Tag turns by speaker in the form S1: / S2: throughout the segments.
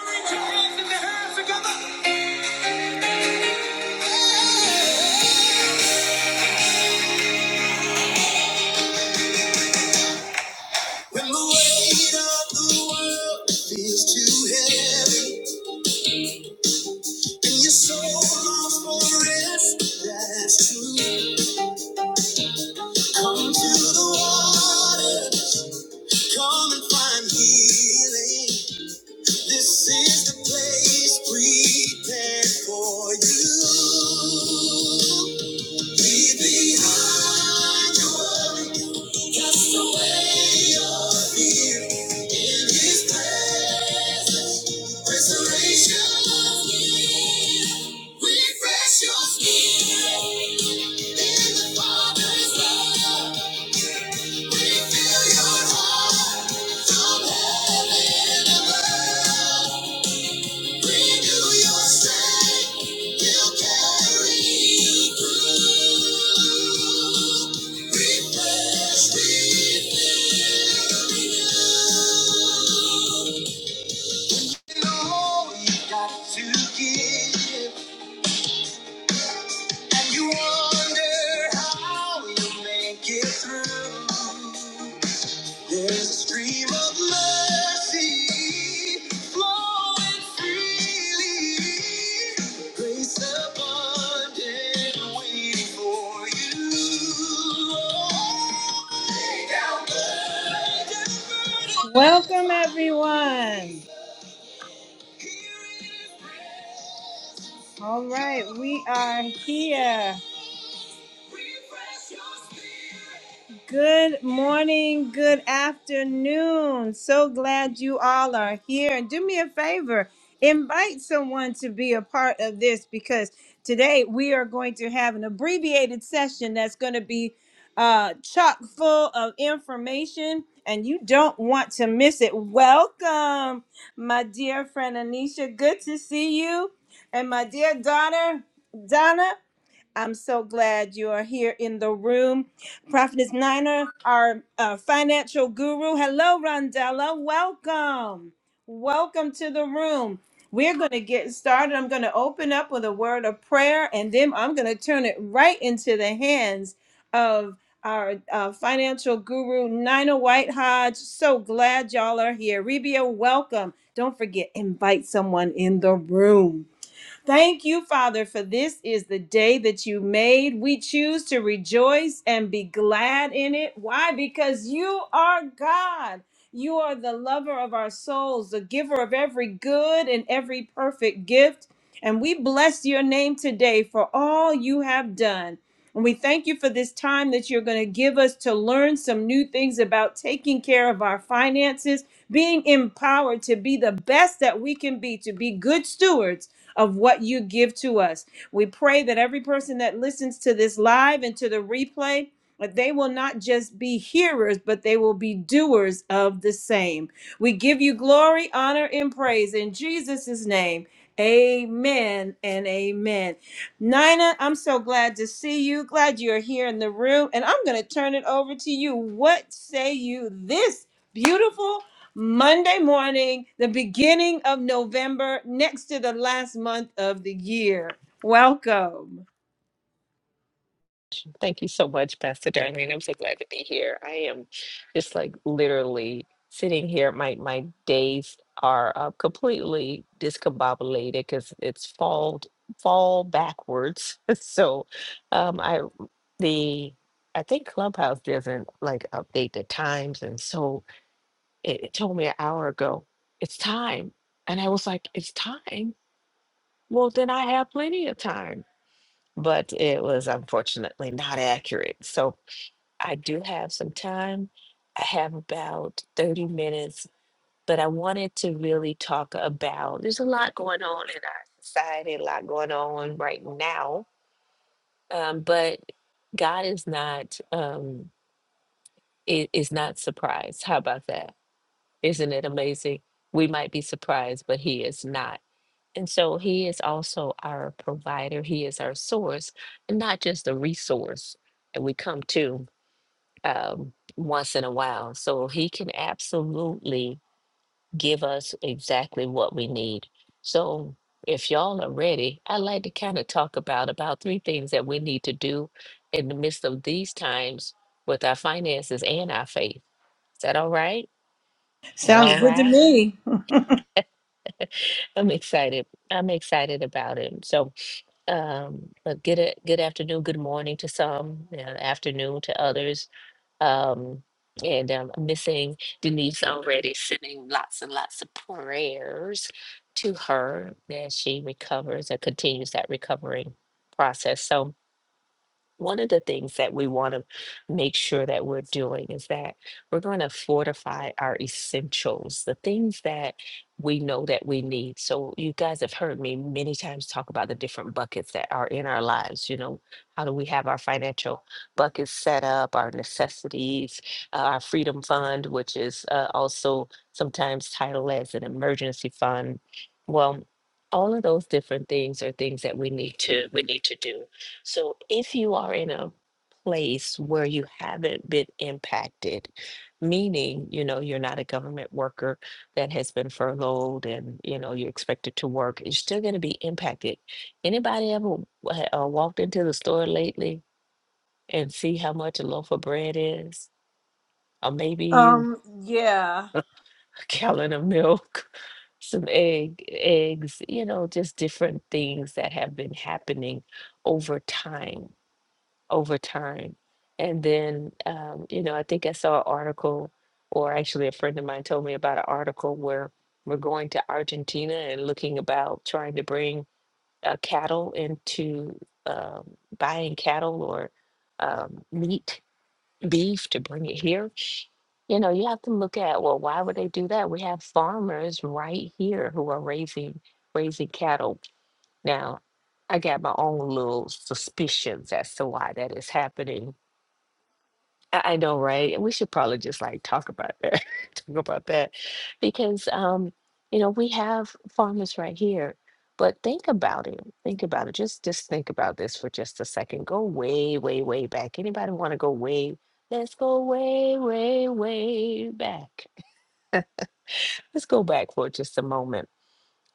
S1: When the weight of the world feels too heavy and your soul longs for rest, that's true. Come to the water, come and find healing. This is the place prepared for you. Leave behind your worry, cast away your fear. In His presence, restoration near. Refresh your spirit in the Father's love. Refill your heart from heaven above. And you wonder how you make it through. There's a stream of mercy flowing freely. Grace abundant waiting for you. Welcome, everyone. All right, we are here. Good morning, good afternoon. So glad you all are here. And do me a favor, invite someone to be a part of this because today we are going to have an abbreviated session that's going to be uh, chock full of information, and you don't want to miss it. Welcome, my dear friend Anisha. Good to see you. And my dear daughter, Donna. I'm so glad you are here in the room. Prophetess Niner, our uh, financial guru. Hello, Rondella. Welcome. Welcome to the room. We're going to get started. I'm going to open up with a word of prayer, and then I'm going to turn it right into the hands of our uh, financial guru, Nina White Hodge. So glad y'all are here. Rebia, welcome. Don't forget, invite someone in the room. Thank you, Father, for this is the day that you made. We choose to rejoice and be glad in it. Why? Because you are God. You are the lover of our souls, the giver of every good and every perfect gift. And we bless your name today for all you have done. And we thank you for this time that you're going to give us to learn some new things about taking care of our finances, being empowered to be the best that we can be, to be good stewards of what you give to us. We pray that every person that listens to this live and to the replay, that they will not just be hearers, but they will be doers of the same. We give you glory, honor, and praise in Jesus' name. Amen and amen. Nina, I'm so glad to see you. Glad you're here in the room. And I'm going to turn it over to you. What say you this beautiful Monday morning, the beginning of November, next to the last month of the year. Welcome.
S2: Thank you so much, Pastor Darlene. I'm so glad to be here. I am just like literally sitting here. My my days are uh, completely discombobulated because it's fall fall backwards. so um, I the I think Clubhouse doesn't like update the times, and so it, it told me an hour ago it's time, and I was like, it's time. Well, then I have plenty of time but it was unfortunately not accurate. So I do have some time. I have about 30 minutes, but I wanted to really talk about there's a lot going on in our society, a lot going on right now. Um, but God is not um, i- is not surprised. How about that? Isn't it amazing? We might be surprised, but He is not. And so He is also our provider. He is our source, and not just a resource that we come to. um, once in a while. So he can absolutely give us exactly what we need. So if y'all are ready, I'd like to kind of talk about about three things that we need to do in the midst of these times with our finances and our faith. Is that all right? Is that
S1: Sounds
S2: all
S1: good to
S2: right?
S1: me.
S2: I'm excited. I'm excited about it. So, um, but good a- good afternoon, good morning to some, uh, afternoon to others Um, and um, missing Denise already sending lots and lots of prayers to her that she recovers and continues that recovering process. So one of the things that we want to make sure that we're doing is that we're going to fortify our essentials, the things that we know that we need. So, you guys have heard me many times talk about the different buckets that are in our lives. You know, how do we have our financial buckets set up, our necessities, uh, our freedom fund, which is uh, also sometimes titled as an emergency fund. Well, all of those different things are things that we need to we need to do so if you are in a place where you haven't been impacted, meaning, you know, you're not a government worker that has been furloughed and, you know, you're expected to work, you're still going to be impacted. Anybody ever wa- uh, walked into the store lately and see how much a loaf of bread is? Or maybe you
S1: Um, yeah.
S2: a gallon of milk, some egg, eggs, you know, just different things that have been happening over time over time. And then, um, you know, I think I saw an article, or actually a friend of mine told me about an article where we're going to Argentina and looking about trying to bring uh, cattle into um, buying cattle or um, meat, beef to bring it here. You know, you have to look at, well, why would they do that? We have farmers right here who are raising raising cattle. Now, I got my own little suspicions as to why that is happening. I I know, right? And we should probably just like talk about that, talk about that, because um, you know we have farmers right here. But think about it. Think about it. Just just think about this for just a second. Go way, way, way back. Anybody want to go way? Let's go way, way, way back. Let's go back for just a moment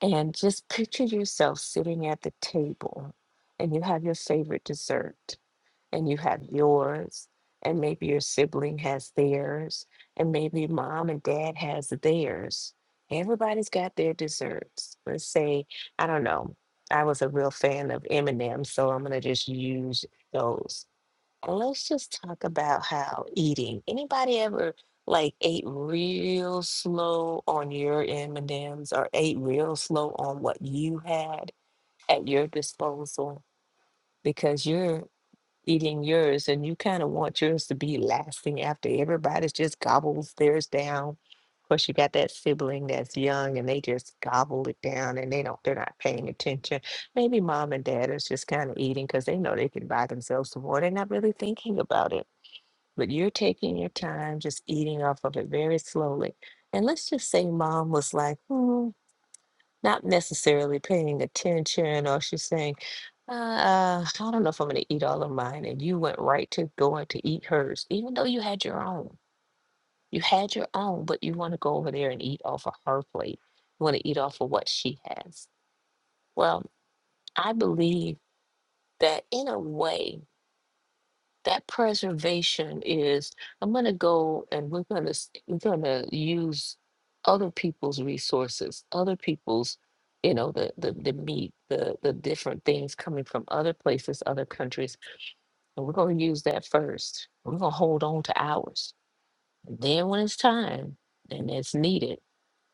S2: And just picture yourself sitting at the table and you have your favorite dessert and you have yours and maybe your sibling has theirs and maybe mom and dad has theirs. Everybody's got their desserts. Let's say, I don't know. I was a real fan of M&M, so I'm going to just use those. Let's just talk about how eating. Anybody ever like ate real slow on your M&Ms or ate real slow on what you had at your disposal because you're eating yours and you kind of want yours to be lasting after everybody's just gobbles theirs down. Of course, you got that sibling that's young and they just gobble it down and they don't, they're not paying attention. Maybe mom and dad is just kind of eating because they know they can buy themselves some more. They're not really thinking about it but you're taking your time, just eating off of it very slowly. And let's just say mom was like, hmm, not necessarily paying attention, or she's saying, uh, uh, I don't know if I'm going to eat all of mine. And you went right to going to eat hers, even though you had your own. You had your own, but you want to go over there and eat off of her plate. You want to eat off of what she has. Well, I believe that in a way, that preservation is i'm going to go and we're going to we're going to use other people's resources other people's you know the the, the meat the the different things coming from other places other countries and we're going to use that first we're going to hold on to ours and then when it's time and it's needed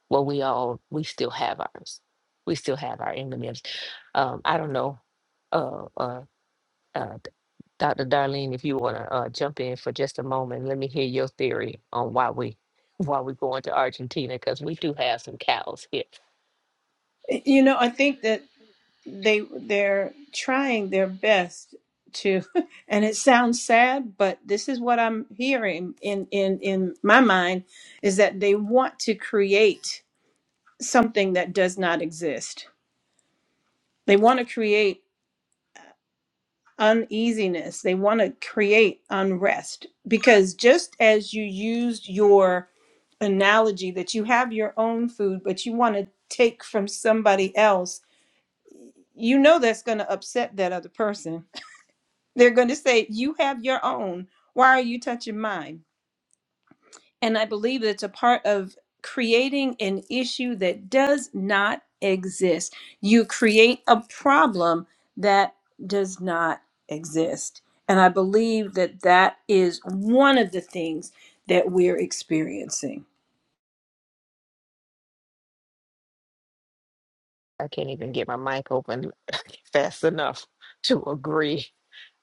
S2: well we all we still have ours we still have our m&ms um, i don't know uh, uh, uh, Dr. Darlene, if you want to uh, jump in for just a moment, let me hear your theory on why we why we're going to Argentina because we do have some cows here.
S1: You know, I think that they they're trying their best to and it sounds sad, but this is what I'm hearing in in in my mind is that they want to create something that does not exist. They want to create uneasiness. They want to create unrest because just as you used your analogy that you have your own food, but you want to take from somebody else, you know that's going to upset that other person. They're going to say, You have your own. Why are you touching mine? And I believe that's a part of creating an issue that does not exist. You create a problem that does not exist. And I believe that that is one of the things that we're experiencing.
S2: I can't even get my mic open fast enough to agree.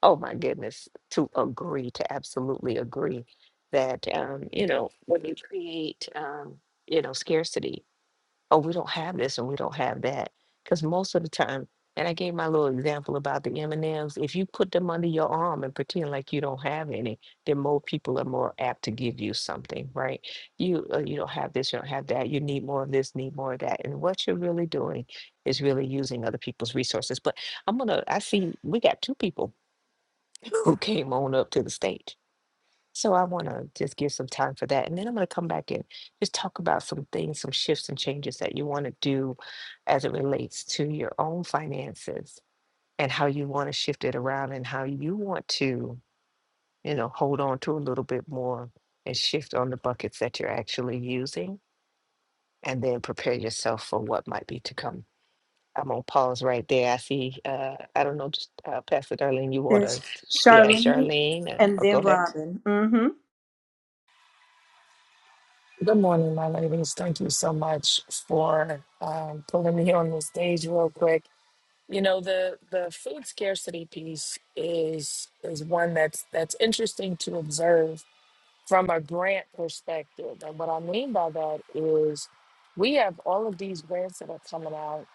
S2: Oh my goodness, to agree, to absolutely agree that um, you know when you create um, you know scarcity oh, we don't have this and we don't have that. Because most of the time, and I gave my little example about the M&Ms, if you put them under your arm and pretend like you don't have any, then more people are more apt to give you something, right? You uh, you don't have this, you don't have that, you need more of this, need more of that. And what you're really doing is really using other people's resources. But I'm gonna, I see we got two people who came on up to the stage. So I want to just give some time for that. And then I'm going to come back and just talk about some things, some shifts and changes that you want to do as it relates to your own finances and how you want to shift it around and how you want to, you know, hold on to a little bit more and shift on the buckets that you're actually using and then prepare yourself for what might be to come. I'm on pause right there. I see, uh, I don't know, just uh, Pastor Darlene, you want
S1: Yes.
S2: to, yeah,
S1: Charlene
S2: Charlene, uh,
S1: and
S2: or go
S1: then
S2: ahead.
S1: Robin. hmm
S3: Good morning, my ladies. Thank you so much for um, pulling me on the stage real quick. You know the the food scarcity piece is is one that's that's interesting to observe from a grant perspective. And what I mean by that is we have all of these grants that are coming out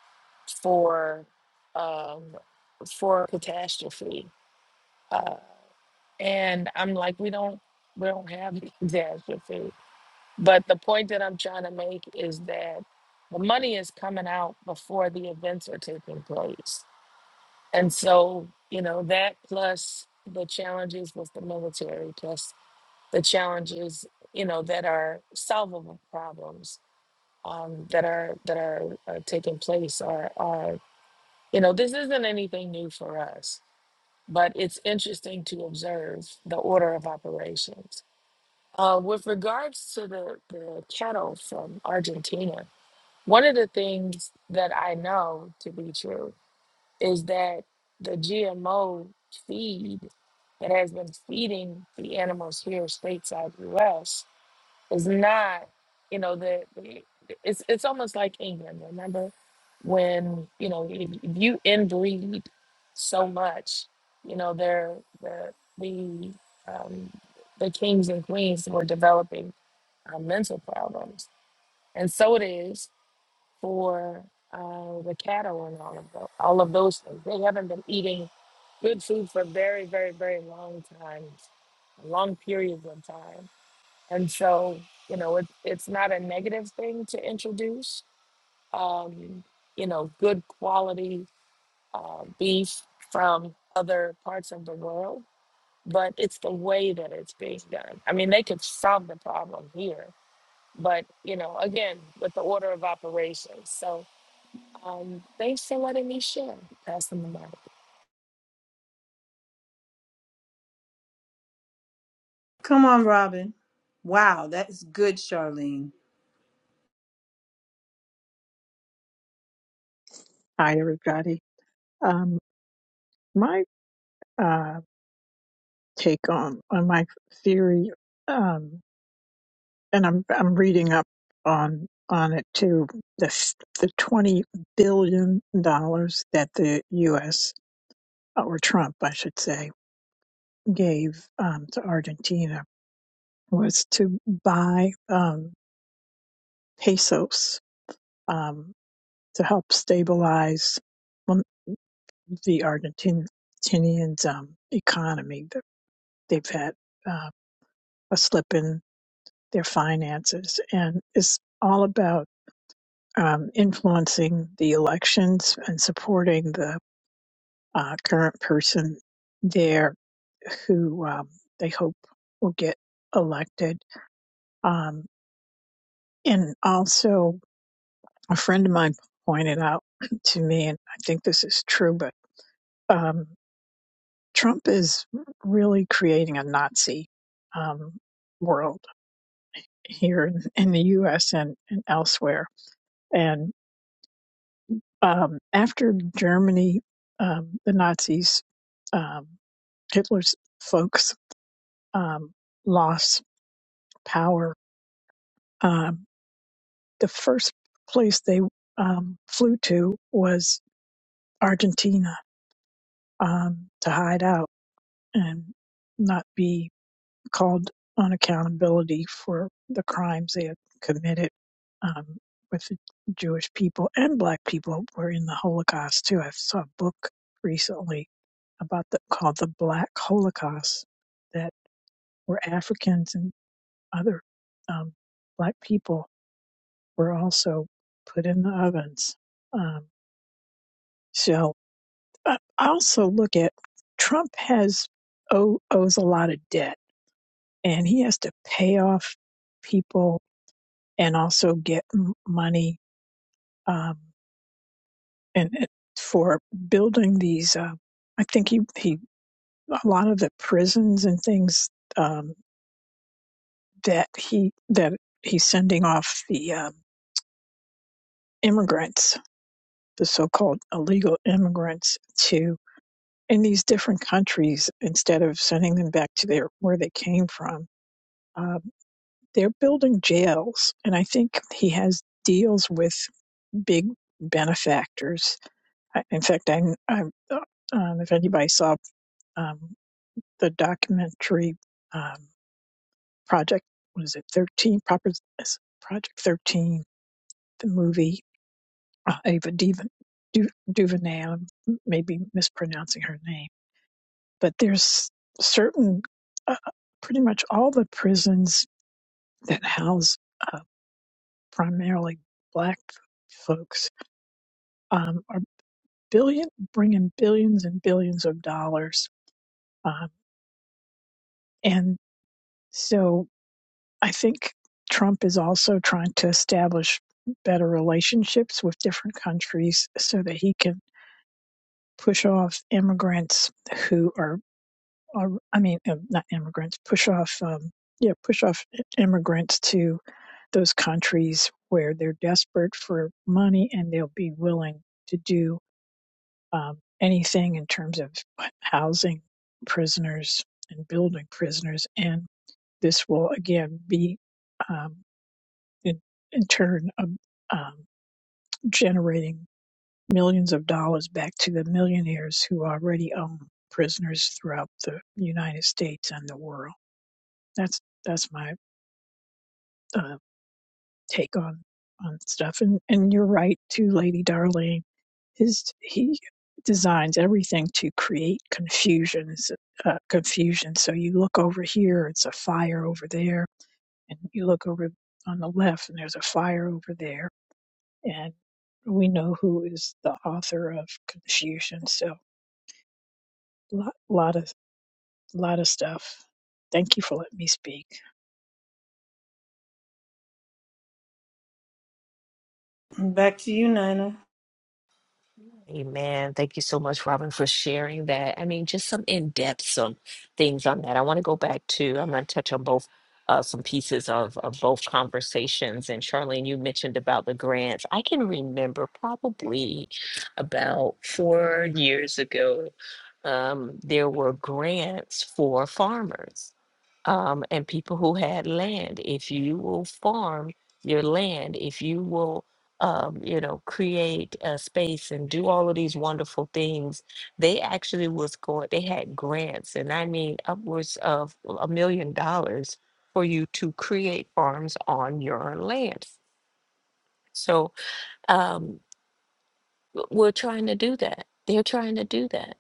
S3: for um, for catastrophe, uh, and I'm like we don't we don't have catastrophe but the point that I'm trying to make is that the money is coming out before the events are taking place. And so, you know, that plus the challenges with the military, plus the challenges, you know, that are solvable problems um, that are that are, are taking place are are you know this isn't anything new for us, but it's interesting to observe the order of operations. Uh, with regards to the, the cattle from Argentina, One of the things that I know to be true is that the GMO feed that has been feeding the animals here stateside US is not, you know, the, the- it's it's almost like England, remember? When, you know, if, if you inbreed so much, you know, they're the the um, the kings and queens were developing uh, mental problems. And so it is for uh, the cattle and all of those, all of those things. They haven't been eating good food for very, very, very long times, long periods of time. And so, you know, it, it's not a negative thing to introduce, um, you know, good quality uh, beef from other parts of the world, but it's the way that it's being done. I mean, they could solve the problem here, but, you know, again, with the order of operations. So, um, thanks for letting me share. Pass the mic.
S1: Come on, Robin. Wow, that is good, Charlene.
S4: Hi, everybody. Um, my uh, take on, on my theory, um, and I'm I'm reading up on on it too. The s- the twenty billion dollars that the U.S. or Trump, I should say, gave um, to Argentina was to buy um, pesos um, to help stabilize um, the Argentinian's um, economy. They've had uh, a slip in their finances, and it's all about um, influencing the elections and supporting the uh, current person there who um, they hope will get elected. Um, and also, a friend of mine pointed out to me, and I think this is true, but um, Trump is really creating a Nazi um, world here in, in the U.S. and, and elsewhere And Um, after Germany, um, the Nazis, um, Hitler's folks um, lost power. Um, the first place they um, flew to was Argentina um, to hide out and not be called on accountability for the crimes they had committed um, with the Jewish people and Black people were in the Holocaust too. I saw a book recently about the called the Black Holocaust that where Africans and other um, black people were also put in the ovens. Um, so I also look at Trump has owe, owes a lot of debt, and he has to pay off people and also get m- money um, and it- for building these. Uh, I think he, he a lot of the prisons and things. Um, that he that he's sending off the um, immigrants, the so-called illegal immigrants, to in these different countries instead of sending them back to their where they came from. Um, they're building jails, and I think he has deals with big benefactors. I, in fact, I, I uh, um, if anybody saw um, the documentary um, project, what is it, thirteen Proper- Project Thirteen, the movie uh, Ava Duven, du, DuVernay. I'm maybe mispronouncing her name, but there's certain, uh, pretty much all the prisons that house uh, primarily black folks um, are billion bringing billions and billions of dollars, um, and so I think Trump is also trying to establish better relationships with different countries so that he can push off immigrants who are or I mean, um, not immigrants, push off, um, yeah, push off immigrants to those countries where they're desperate for money and they'll be willing to do um, anything in terms of housing prisoners and building prisoners. And this will again be, um, in, in turn, um, um, generating millions of dollars back to the millionaires who already own prisoners throughout the United States and the world. That's that's my uh, take on on stuff. And and you're right too, Lady Darling. His he designs everything to create confusions, uh, confusion. So you look over here, it's a fire over there, and you look over on the left, and there's a fire over there. And we know who is the author of confusion. So a lot, lot of lot of stuff. Thank you for letting me speak.
S1: Back to you, Nina.
S2: Amen. Thank you so much, Robin, for sharing that. I mean, just some in depth, some things on that. I want to go back to, I'm going to touch on both, uh, some pieces of, of both conversations. And Charlene, you mentioned about the grants. I can remember probably about four years ago, um, there were grants for farmers um, and people who had land. If you will farm your land, if you will, um, you know, create a space and do all of these wonderful things, they actually was going. They had grants, and I mean upwards of a million dollars for you to create farms on your land. So um, w- we're trying to do that. They're trying to do that.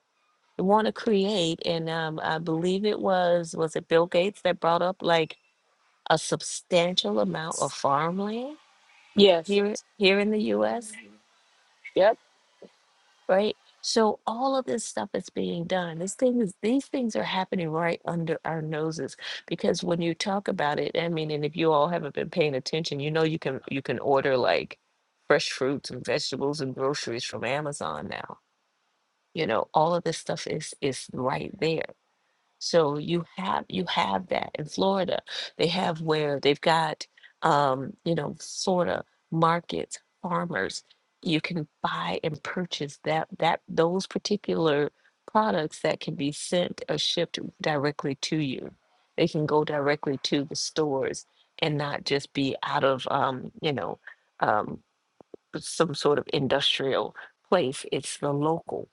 S2: They want to create, and um, I believe it was was it Bill Gates that brought up like a substantial amount of farmland
S3: Yes.
S2: here here in the US,
S3: Yep.
S2: right? So all of this stuff is being done. This thing is these things are happening right under our noses because when you talk about it, I mean, and if you all haven't been paying attention, you know you can you can order like fresh fruits and vegetables and groceries from Amazon now. You know, all of this stuff is is right there So you have you have that in Florida. They have where they've got um, you know, Florida markets, farmers. You can buy and purchase that that those particular products that can be sent or shipped directly to you. They can go directly to the stores and not just be out of um, you know, um, some sort of industrial place. It's the local,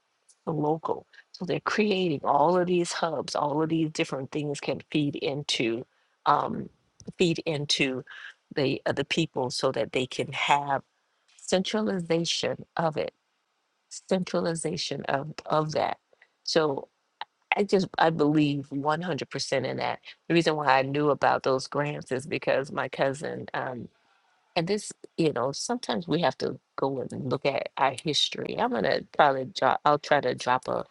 S2: the local. So they're creating all of these hubs, all of these different things can feed into, um, feed into the uh, the people so that they can have centralization of it, centralization of of that. So I just I believe one hundred percent in that. The reason why I knew about those grants is because my cousin. um, and this, you know, sometimes we have to go and look at our history. I'm gonna probably drop. I'll try to drop a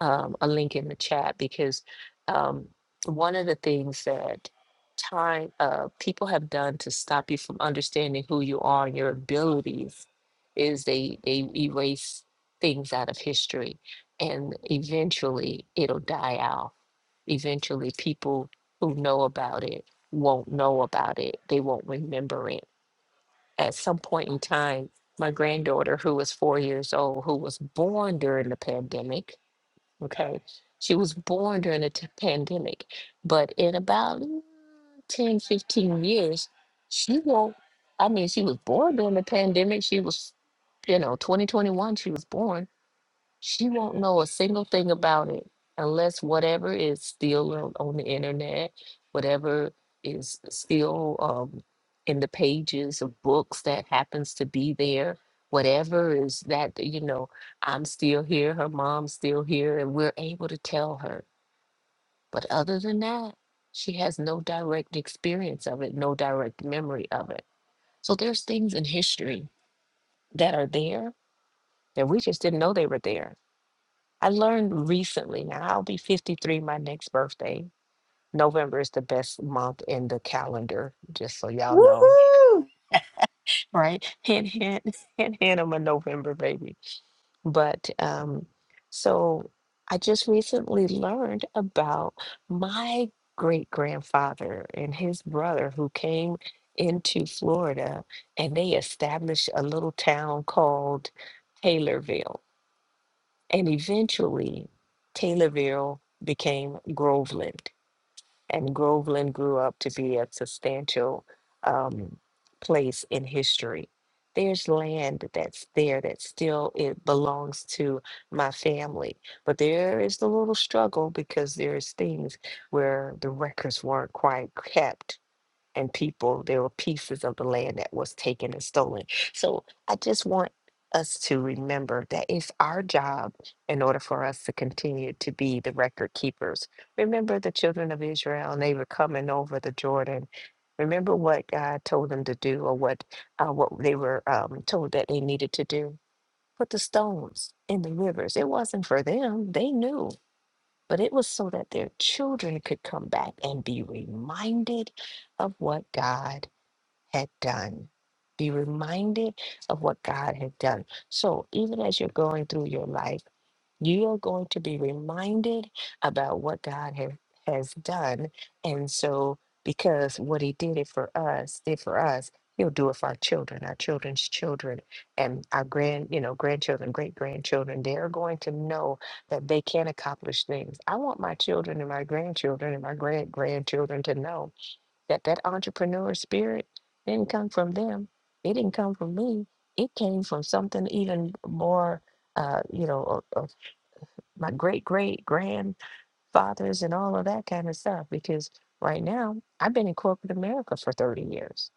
S2: um, a link in the chat because um, one of the things that time uh, people have done to stop you from understanding who you are and your abilities is they they erase things out of history, and eventually it'll die out. Eventually, people who know about it won't know about it. They won't remember it at some point in time, my granddaughter, who was four years old, who was born during the pandemic, okay, she was born during the t- pandemic, but in about mm, 10, fifteen years, she won't, I mean, she was born during the pandemic. She was, you know, 2021, she was born she won't know a single thing about it unless whatever is still on, on the internet, whatever is still um, in the pages of books that happens to be there, whatever is that, you know, I'm still here, her mom's still here, and we're able to tell her. But other than that, she has no direct experience of it, no direct memory of it. So there's things in history that are there that we just didn't know they were there I learned recently. Now I'll be 53 my next birthday. November is the best month in the calendar, just so y'all know,
S1: Woohoo!
S2: right? Hint, hint, hint, hint. I'm a November baby. But um, so I just recently learned about my great grandfather and his brother who came into Florida and they established a little town called Taylorville And eventually, Taylorville became Groveland, and Groveland grew up to be a substantial um, place in history. There's land that's there that still it belongs to my family, but there is the little struggle because there's things where the records weren't quite kept and people, there were pieces of the land that was taken and stolen. So I just want us to remember that it's our job in order for us to continue to be the record keepers. Remember the children of Israel, and they were coming over the Jordan. Remember what God told them to do, or what uh, what they were um, told that they needed to do. Put the stones in the rivers. It wasn't for them. They knew but it was so that their children could come back and be reminded of what God had done. Be reminded of what God had done. So even as you're going through your life, you are going to be reminded about what God has has done. And so, because what He did it for us, did for us, He'll do it for our children, our children's children, and our grand, you know, grandchildren, great grandchildren. They're going to know that they can accomplish things. I want my children and my grandchildren and my great grandchildren to know that that entrepreneur spirit didn't come from them. It didn't come from me. It came from something even more uh, you know, a, my great great grandfathers and all of that kind of stuff because right now I've been in corporate America for 30 years,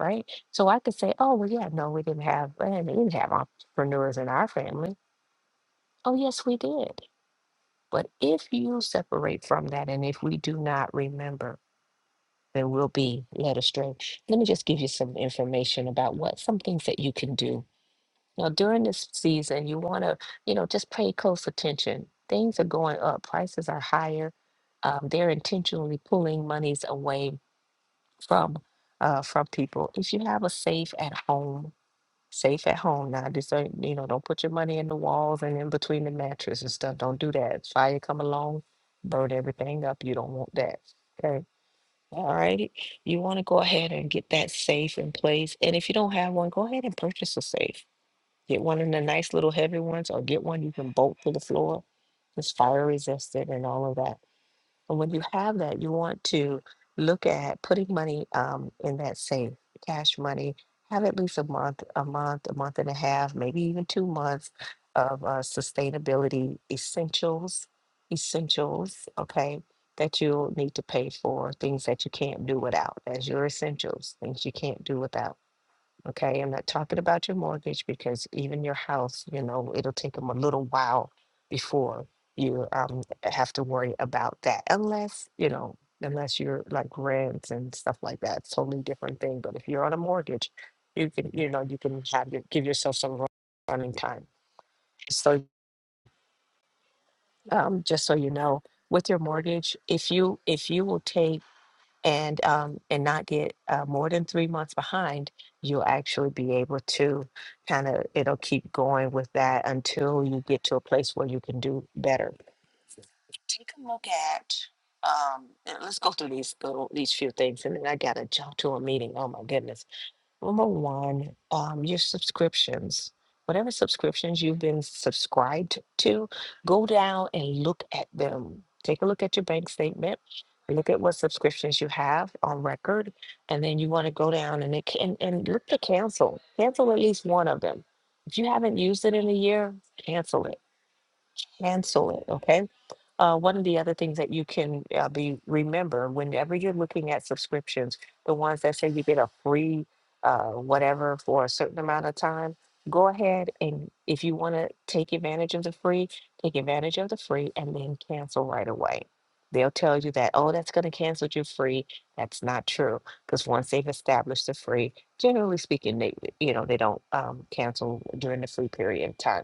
S2: right? So I could say, oh, well, yeah, no, we didn't have, and we didn't have entrepreneurs in our family. Oh, yes, we did. But if you separate from that and if we do not remember, then we'll be led astray. Let me just give you some information about what some things that you can do You know, during this season, you want to, you know, just pay close attention. Things are going up, prices are higher. Um, they're intentionally pulling monies away from uh, from people. If you have a safe at home, safe at home now, this ain't, you know, don't put your money in the walls and in between the mattress and stuff. Don't do that. Fire come along, burn everything up. You don't want that. Okay. All righty. You want to go ahead and get that safe in place. And if you don't have one, go ahead and purchase a safe Get one of the nice little heavy ones or get one you can bolt to the floor. It's fire resistant and all of that. And when you have that, you want to look at putting money um, in that safe, cash money. Have at least a month, a month, a month and a half, maybe even two months of uh, sustainability essentials, essentials, okay, that you'll need to pay for, things that you can't do without, as your essentials, things you can't do without Okay, I'm not talking about your mortgage because even your house, you know, it'll take them a little while before you um have to worry about that, unless, you know, unless you're like rents and stuff like that. It's totally different thing. But if you're on a mortgage, you can, you know, you can have your, give yourself some run- running time. So um, just so you know, with your mortgage, if you if you will take and um, and not get uh, more than three months behind, you'll actually be able to kind of it'll keep going with that until you get to a place where you can do better. Take a look at um, and let's go through these little these few things, and then I gotta jump to a meeting. Oh my goodness Number one, um, your subscriptions. Whatever subscriptions you've been subscribed to, go down and look at them. Take a look at your bank statement. Look at what subscriptions you have on record, and then you want to go down and, it, ca- and and look to cancel. Cancel at least one of them. If you haven't used it in a year, cancel it. Cancel it. Okay uh, one of the other things that you can uh, be remember whenever you're looking at subscriptions, the ones that say you get a free uh, whatever for a certain amount of time, go ahead and if you want to take advantage of the free, take advantage of the free and then cancel right away. They'll tell you that, oh, that's going to cancel your free. That's not true because once they've established the free, generally speaking, they you know they don't um, cancel during the free period of time.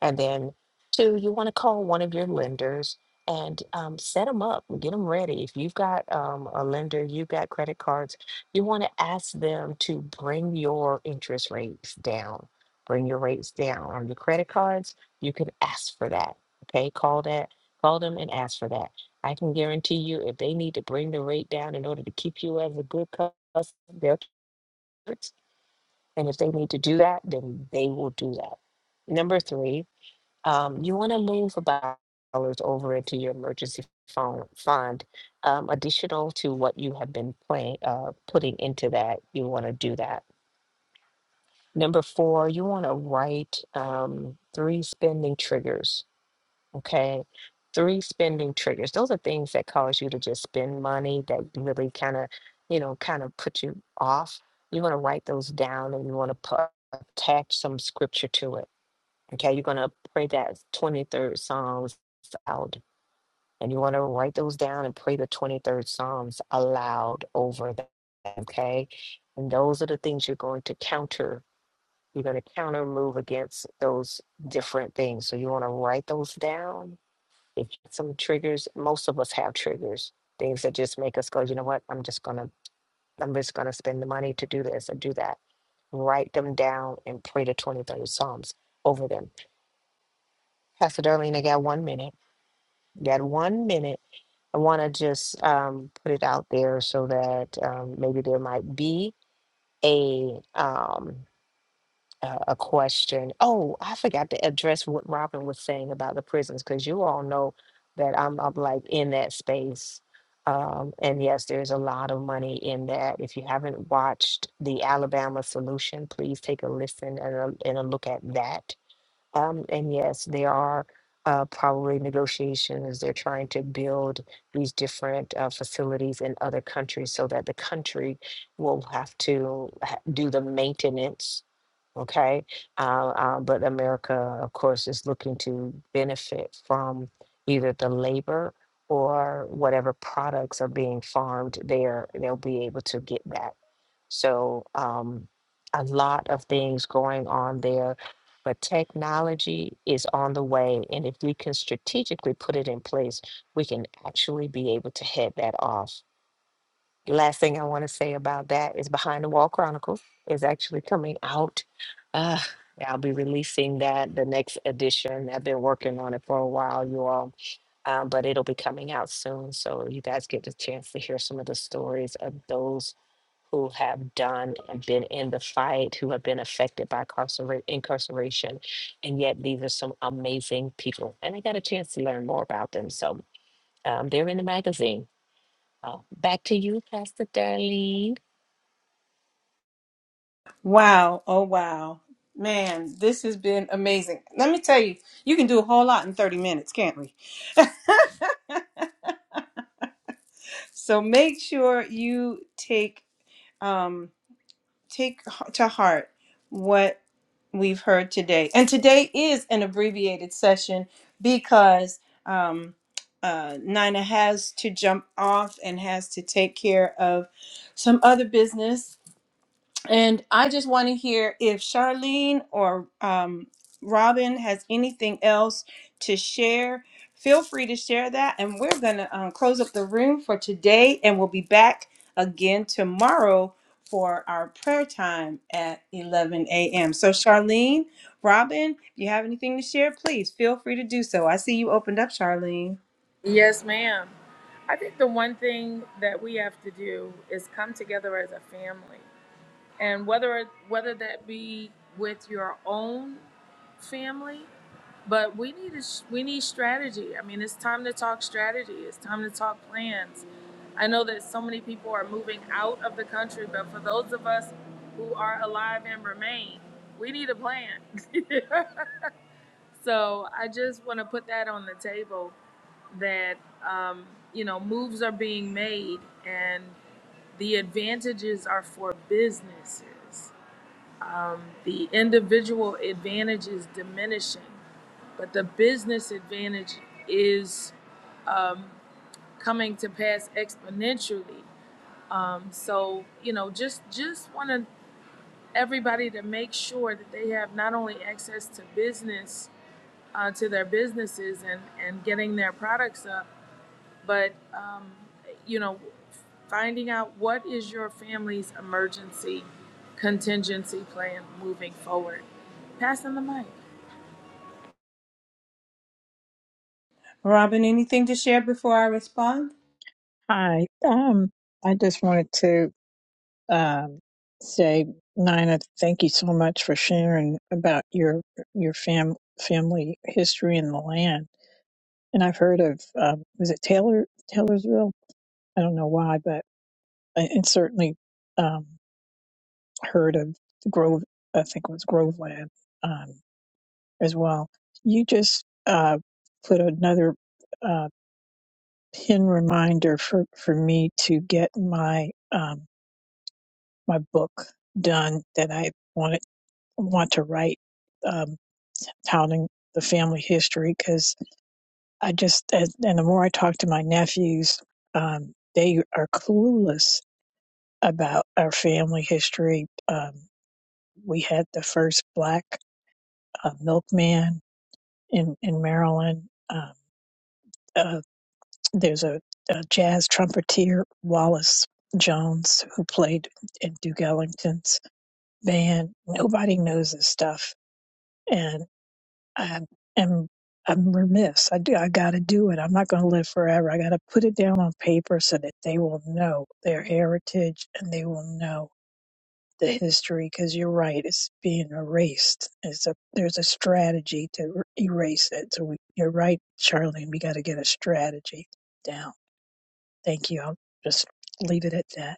S2: And then, two, you want to call one of your lenders and um, set them up, get them ready. If you've got um, a lender, you've got credit cards, you want to ask them to bring your interest rates down. Bring your rates down on your credit cards. You can ask for that. Okay, call that, call them and ask for that. I can guarantee you, if they need to bring the rate down in order to keep you as a good customer, they'll do it. and if they need to do that, then they will do that. Number three, um, you want to move about dollars over into your emergency phone fund, um, additional to what you have been playing, uh, putting into that. You want to do that. Number four, you want to write um, three spending triggers. Okay, three spending triggers. Those are things that cause you to just spend money that really kind of, you know, kind of put you off. You want to write those down, and you want to put attach some scripture to it Okay, you're going to pray that 23rd Psalms aloud. And you want to write those down and pray the 23rd Psalms aloud over them. Okay. And those are the things you're going to counter. You're going to counter move against those different things. So you want to write those down. If you- have some triggers, most of us have triggers, things that just make us go, you know what? I'm just going to, I'm just going to spend the money to do this or do that. Write them down and pray the 23rd Psalms over them. Pastor Darlene, I got one minute. That one minute. I want to just um, put it out there so that um, maybe there might be a um, a a question. Oh, I forgot to address what Robin was saying about the prisons because you all know that I'm, I'm like in that space. Um, and yes, there's a lot of money in that. If you haven't watched the Alabama Solution, please take a listen and a, and a look at that um, and yes, there are uh, probably negotiations. They're trying to build these different uh, facilities in other countries so that the country will have to ha- do the maintenance Okay. Uh, uh, but America, of course, is looking to benefit from either the labor or whatever products are being farmed there, they'll be able to get that. So um, a lot of things going on there. But technology is on the way. And if we can strategically put it in place, we can actually be able to head that off last thing I want to say about that is Behind the Wall Chronicles is actually coming out. Uh, I'll be releasing that the next edition. I've been working on it for a while, you all, um, but it'll be coming out soon. So you guys get the chance to hear some of the stories of those who have done and been in the fight, who have been affected by carcera- incarceration. And yet these are some amazing people. And I got a chance to learn more about them. So um, they're in the magazine. Uh, back to you, Pastor Darlene.
S1: Wow. Oh, wow. Man, this has been amazing. Let me tell you, you can do a whole lot in 30 minutes, can't we? So make sure you take um take to heart what we've heard today. And today is an abbreviated session because um uh, Nina has to jump off and has to take care of some other business. And I just want to hear if Charlene or um, Robin has anything else to share. Feel free to share that. And we're going to um, close up the room for today. And we'll be back again tomorrow for our prayer time at 11 a.m. So, Charlene, Robin, if you have anything to share, please feel free to do so. I see you opened up, Charlene.
S3: Yes, ma'am. I think the one thing that we have to do is come together as a family, and whether whether that be with your own family, but we need a, s- we need strategy. I mean, it's time to talk strategy. It's time to talk plans. I know that so many people are moving out of the country, but for those of us who are alive and remain, we need a plan. So I just want to put that on the table that, um, you know, moves are being made and the advantages are for businesses. The individual advantage is diminishing, but the business advantage is coming to pass exponentially. Um, so, you know, just just want everybody to make sure that they have not only access to business, uh, to their businesses and, and getting their products up, but um, you know finding out what is your family's emergency contingency plan moving forward passing the mic
S1: Robin, anything to share before I respond?
S4: Hi. Um, I just wanted to um, say, Nina, thank you so much for sharing about your your fam family history in the land. And I've heard of um, was it Taylor Taylorsville? I don't know why, but I- and certainly um, heard of Grove. I think it was Groveland um, as well. You just uh, put another uh, pin reminder for for me to get my um, my book done that I wanted want to write um, touting the family history because I just as- and the more I talk to my nephews, um, they are clueless about our family history. Um, we had the first black uh, milkman in in Maryland. Um uh, there's a, a jazz trumpeter Wallace Jones who played in Duke Ellington's band. Nobody knows this stuff, and. I am I'm remiss. I do I gotta do it. I'm not gonna live forever. I gotta put it down on paper so that they will know their heritage and they will know the history because you're right, it's being erased. It's a there's a strategy to er- erase it. So we, you're right, Charlene, we gotta get a strategy down. Thank you. I'll just leave it at that.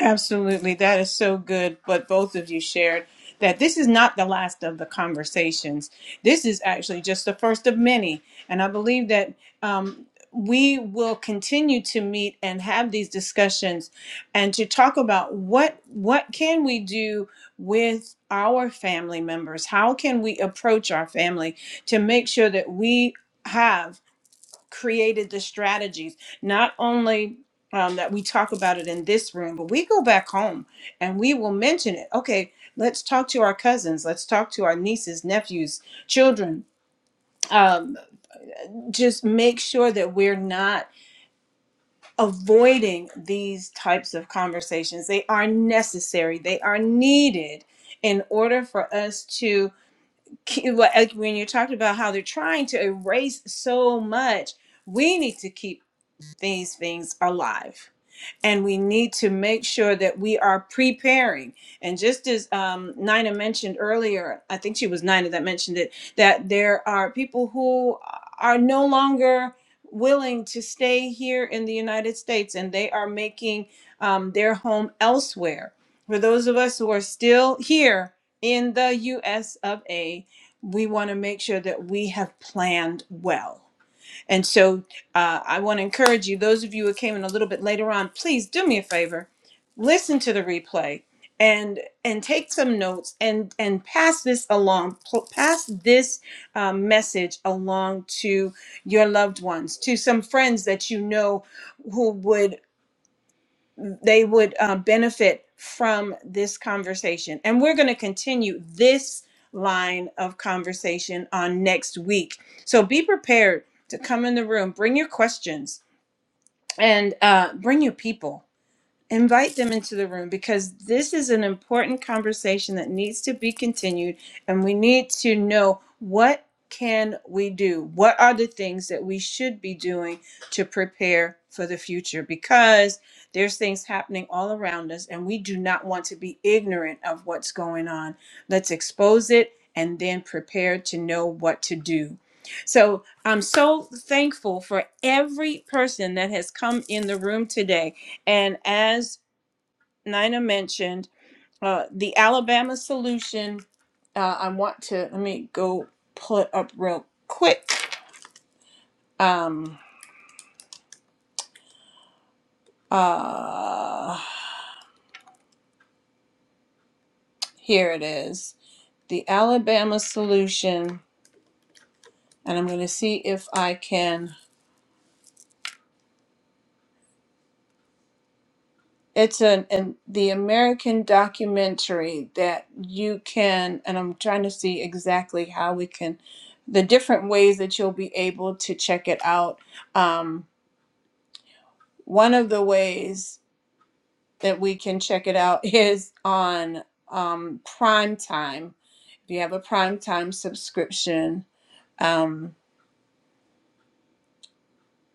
S1: Absolutely. That is so good. But both of you shared that this is not the last of the conversations. This is actually just the first of many. And I believe that um, we will continue to meet and have these discussions and to talk about what what can we do with our family members how can we approach our family to make sure that we have created the strategies, not only um, that we talk about it in this room, but we go back home and we will mention it. Okay, let's talk to our cousins, let's talk to our nieces, nephews, children. Um, just make sure that we're not avoiding these types of conversations. They are necessary, they are needed in order for us to, like when you talked about how they're trying to erase so much we need to keep these things alive. And we need to make sure that we are preparing. And just as um, Nina mentioned earlier, I think she was Nina that mentioned it, that there are people who are no longer willing to stay here in the United States and they are making um, their home elsewhere. For those of us who are still here in the US of A, we want to make sure that we have planned well and so uh, I want to encourage you, those of you who came in a little bit later on, please do me a favor, listen to the replay and and take some notes and and pass this along pl- pass this um, message along to your loved ones to some friends that you know who would they would uh, benefit from this conversation. And we're going to continue this line of conversation on next week. So be prepared to come in the room, bring your questions, and uh, bring your people invite them into the room because this is an important conversation that needs to be continued and we need to know what can we do what are the things that we should be doing to prepare for the future because there's things happening all around us and we do not want to be ignorant of what's going on let's expose it and then prepare to know what to do so i'm so thankful for every person that has come in the room today and as Nina mentioned, uh, the Alabama solution, uh, I want to, let me go pull it up real quick. Um, uh, here it is. The Alabama solution, and I'm going to see if I can. It's an, an the American documentary that you can, and I'm trying to see exactly how we can, the different ways that you'll be able to check it out. Um, One of the ways that we can check it out is on um, prime time. If you have a prime time subscription, um,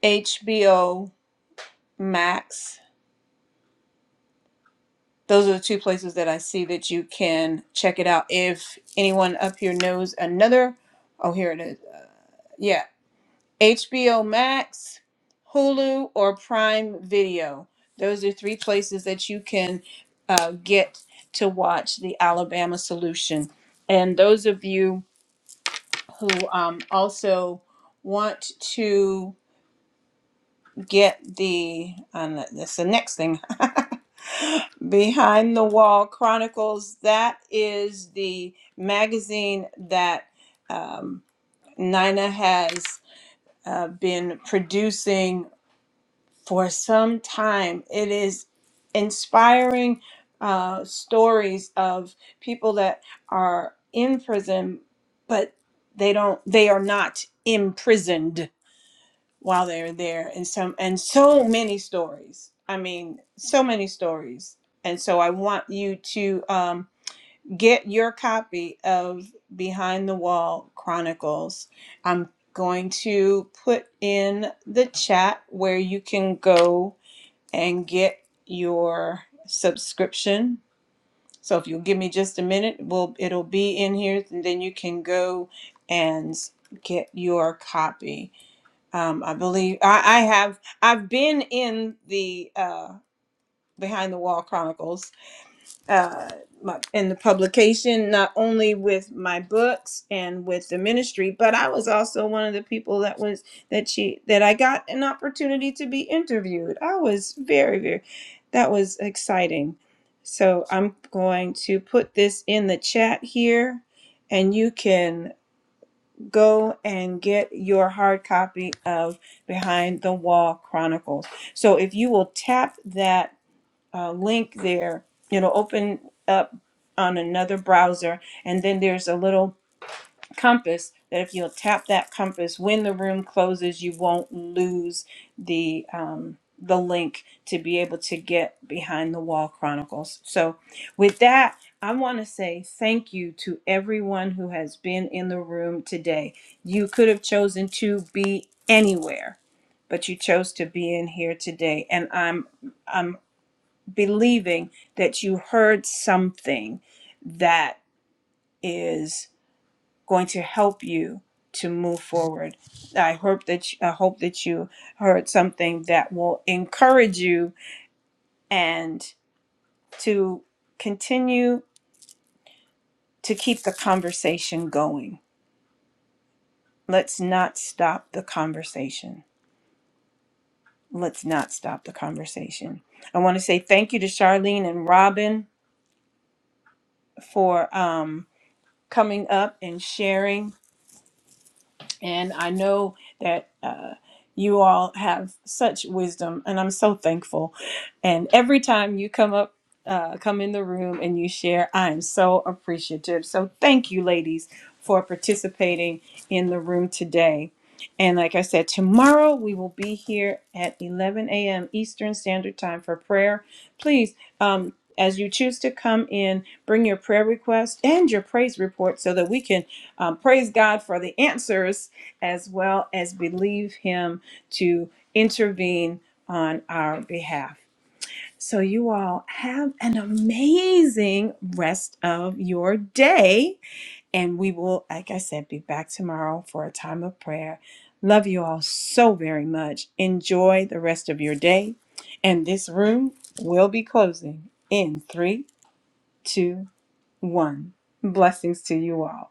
S1: HBO Max, those are the two places that I see that you can check it out. If anyone up here knows another, oh, here it is Uh, Yeah. HBO Max, Hulu, or Prime Video. Those are three places that you can uh, get to watch The Alabama Solution. And those of you who um, also want to get the, um, that's the next thing, Behind the Wall Chronicles, that is the magazine that um, Nina has uh, been producing for some time. It is inspiring uh, stories of people that are in prison, but they don't. They are not imprisoned while they're there, and some and so many stories. I mean, so many stories. And so I want you to um, get your copy of Behind the Wall Chronicles. I'm going to put in the chat where you can go and get your subscription. So if you'll give me just a minute, we'll it'll be in here, and then you can go and get your copy. Um, I believe I, I have I've been in the uh, Behind the Wall Chronicles uh, my, in the publication, not only with my books and with the ministry, but I was also one of the people that was that she that I got an opportunity to be interviewed. I was very very that was exciting. So I'm going to put this in the chat here, and you can go and get your hard copy of Behind the Wall Chronicles. So if you will tap that uh, link there. It'll open up on another browser, and then there's a little compass that if you'll tap that compass when the room closes, you won't lose the um, the link to be able to get behind the wall chronicles. So, with that, I want to say thank you to everyone who has been in the room today. You could have chosen to be anywhere, but you chose to be in here today, and I'm I'm believing that you heard something that is going to help you to move forward. I hope that you, I hope that you heard something that will encourage you and to continue to keep the conversation going. Let's not stop the conversation. Let's not stop the conversation. I want to say thank you to Charlene and Robin for um, coming up and sharing And I know that uh, you all have such wisdom, and I'm so thankful. And every time you come up, uh, come in the room and you share, I am so appreciative. So thank you, ladies, for participating in the room today. And like I said, tomorrow we will be here at 11 a.m. Eastern Standard Time for prayer. Please, um, as you choose to come in, bring your prayer request and your praise report so that we can um, praise God for the answers as well as believe Him to intervene on our behalf. So, you all have an amazing rest of your day. And we will, like I said, be back tomorrow for a time of prayer. Love you all so very much. Enjoy the rest of your day. And this room will be closing in three, two, one. Blessings to you all.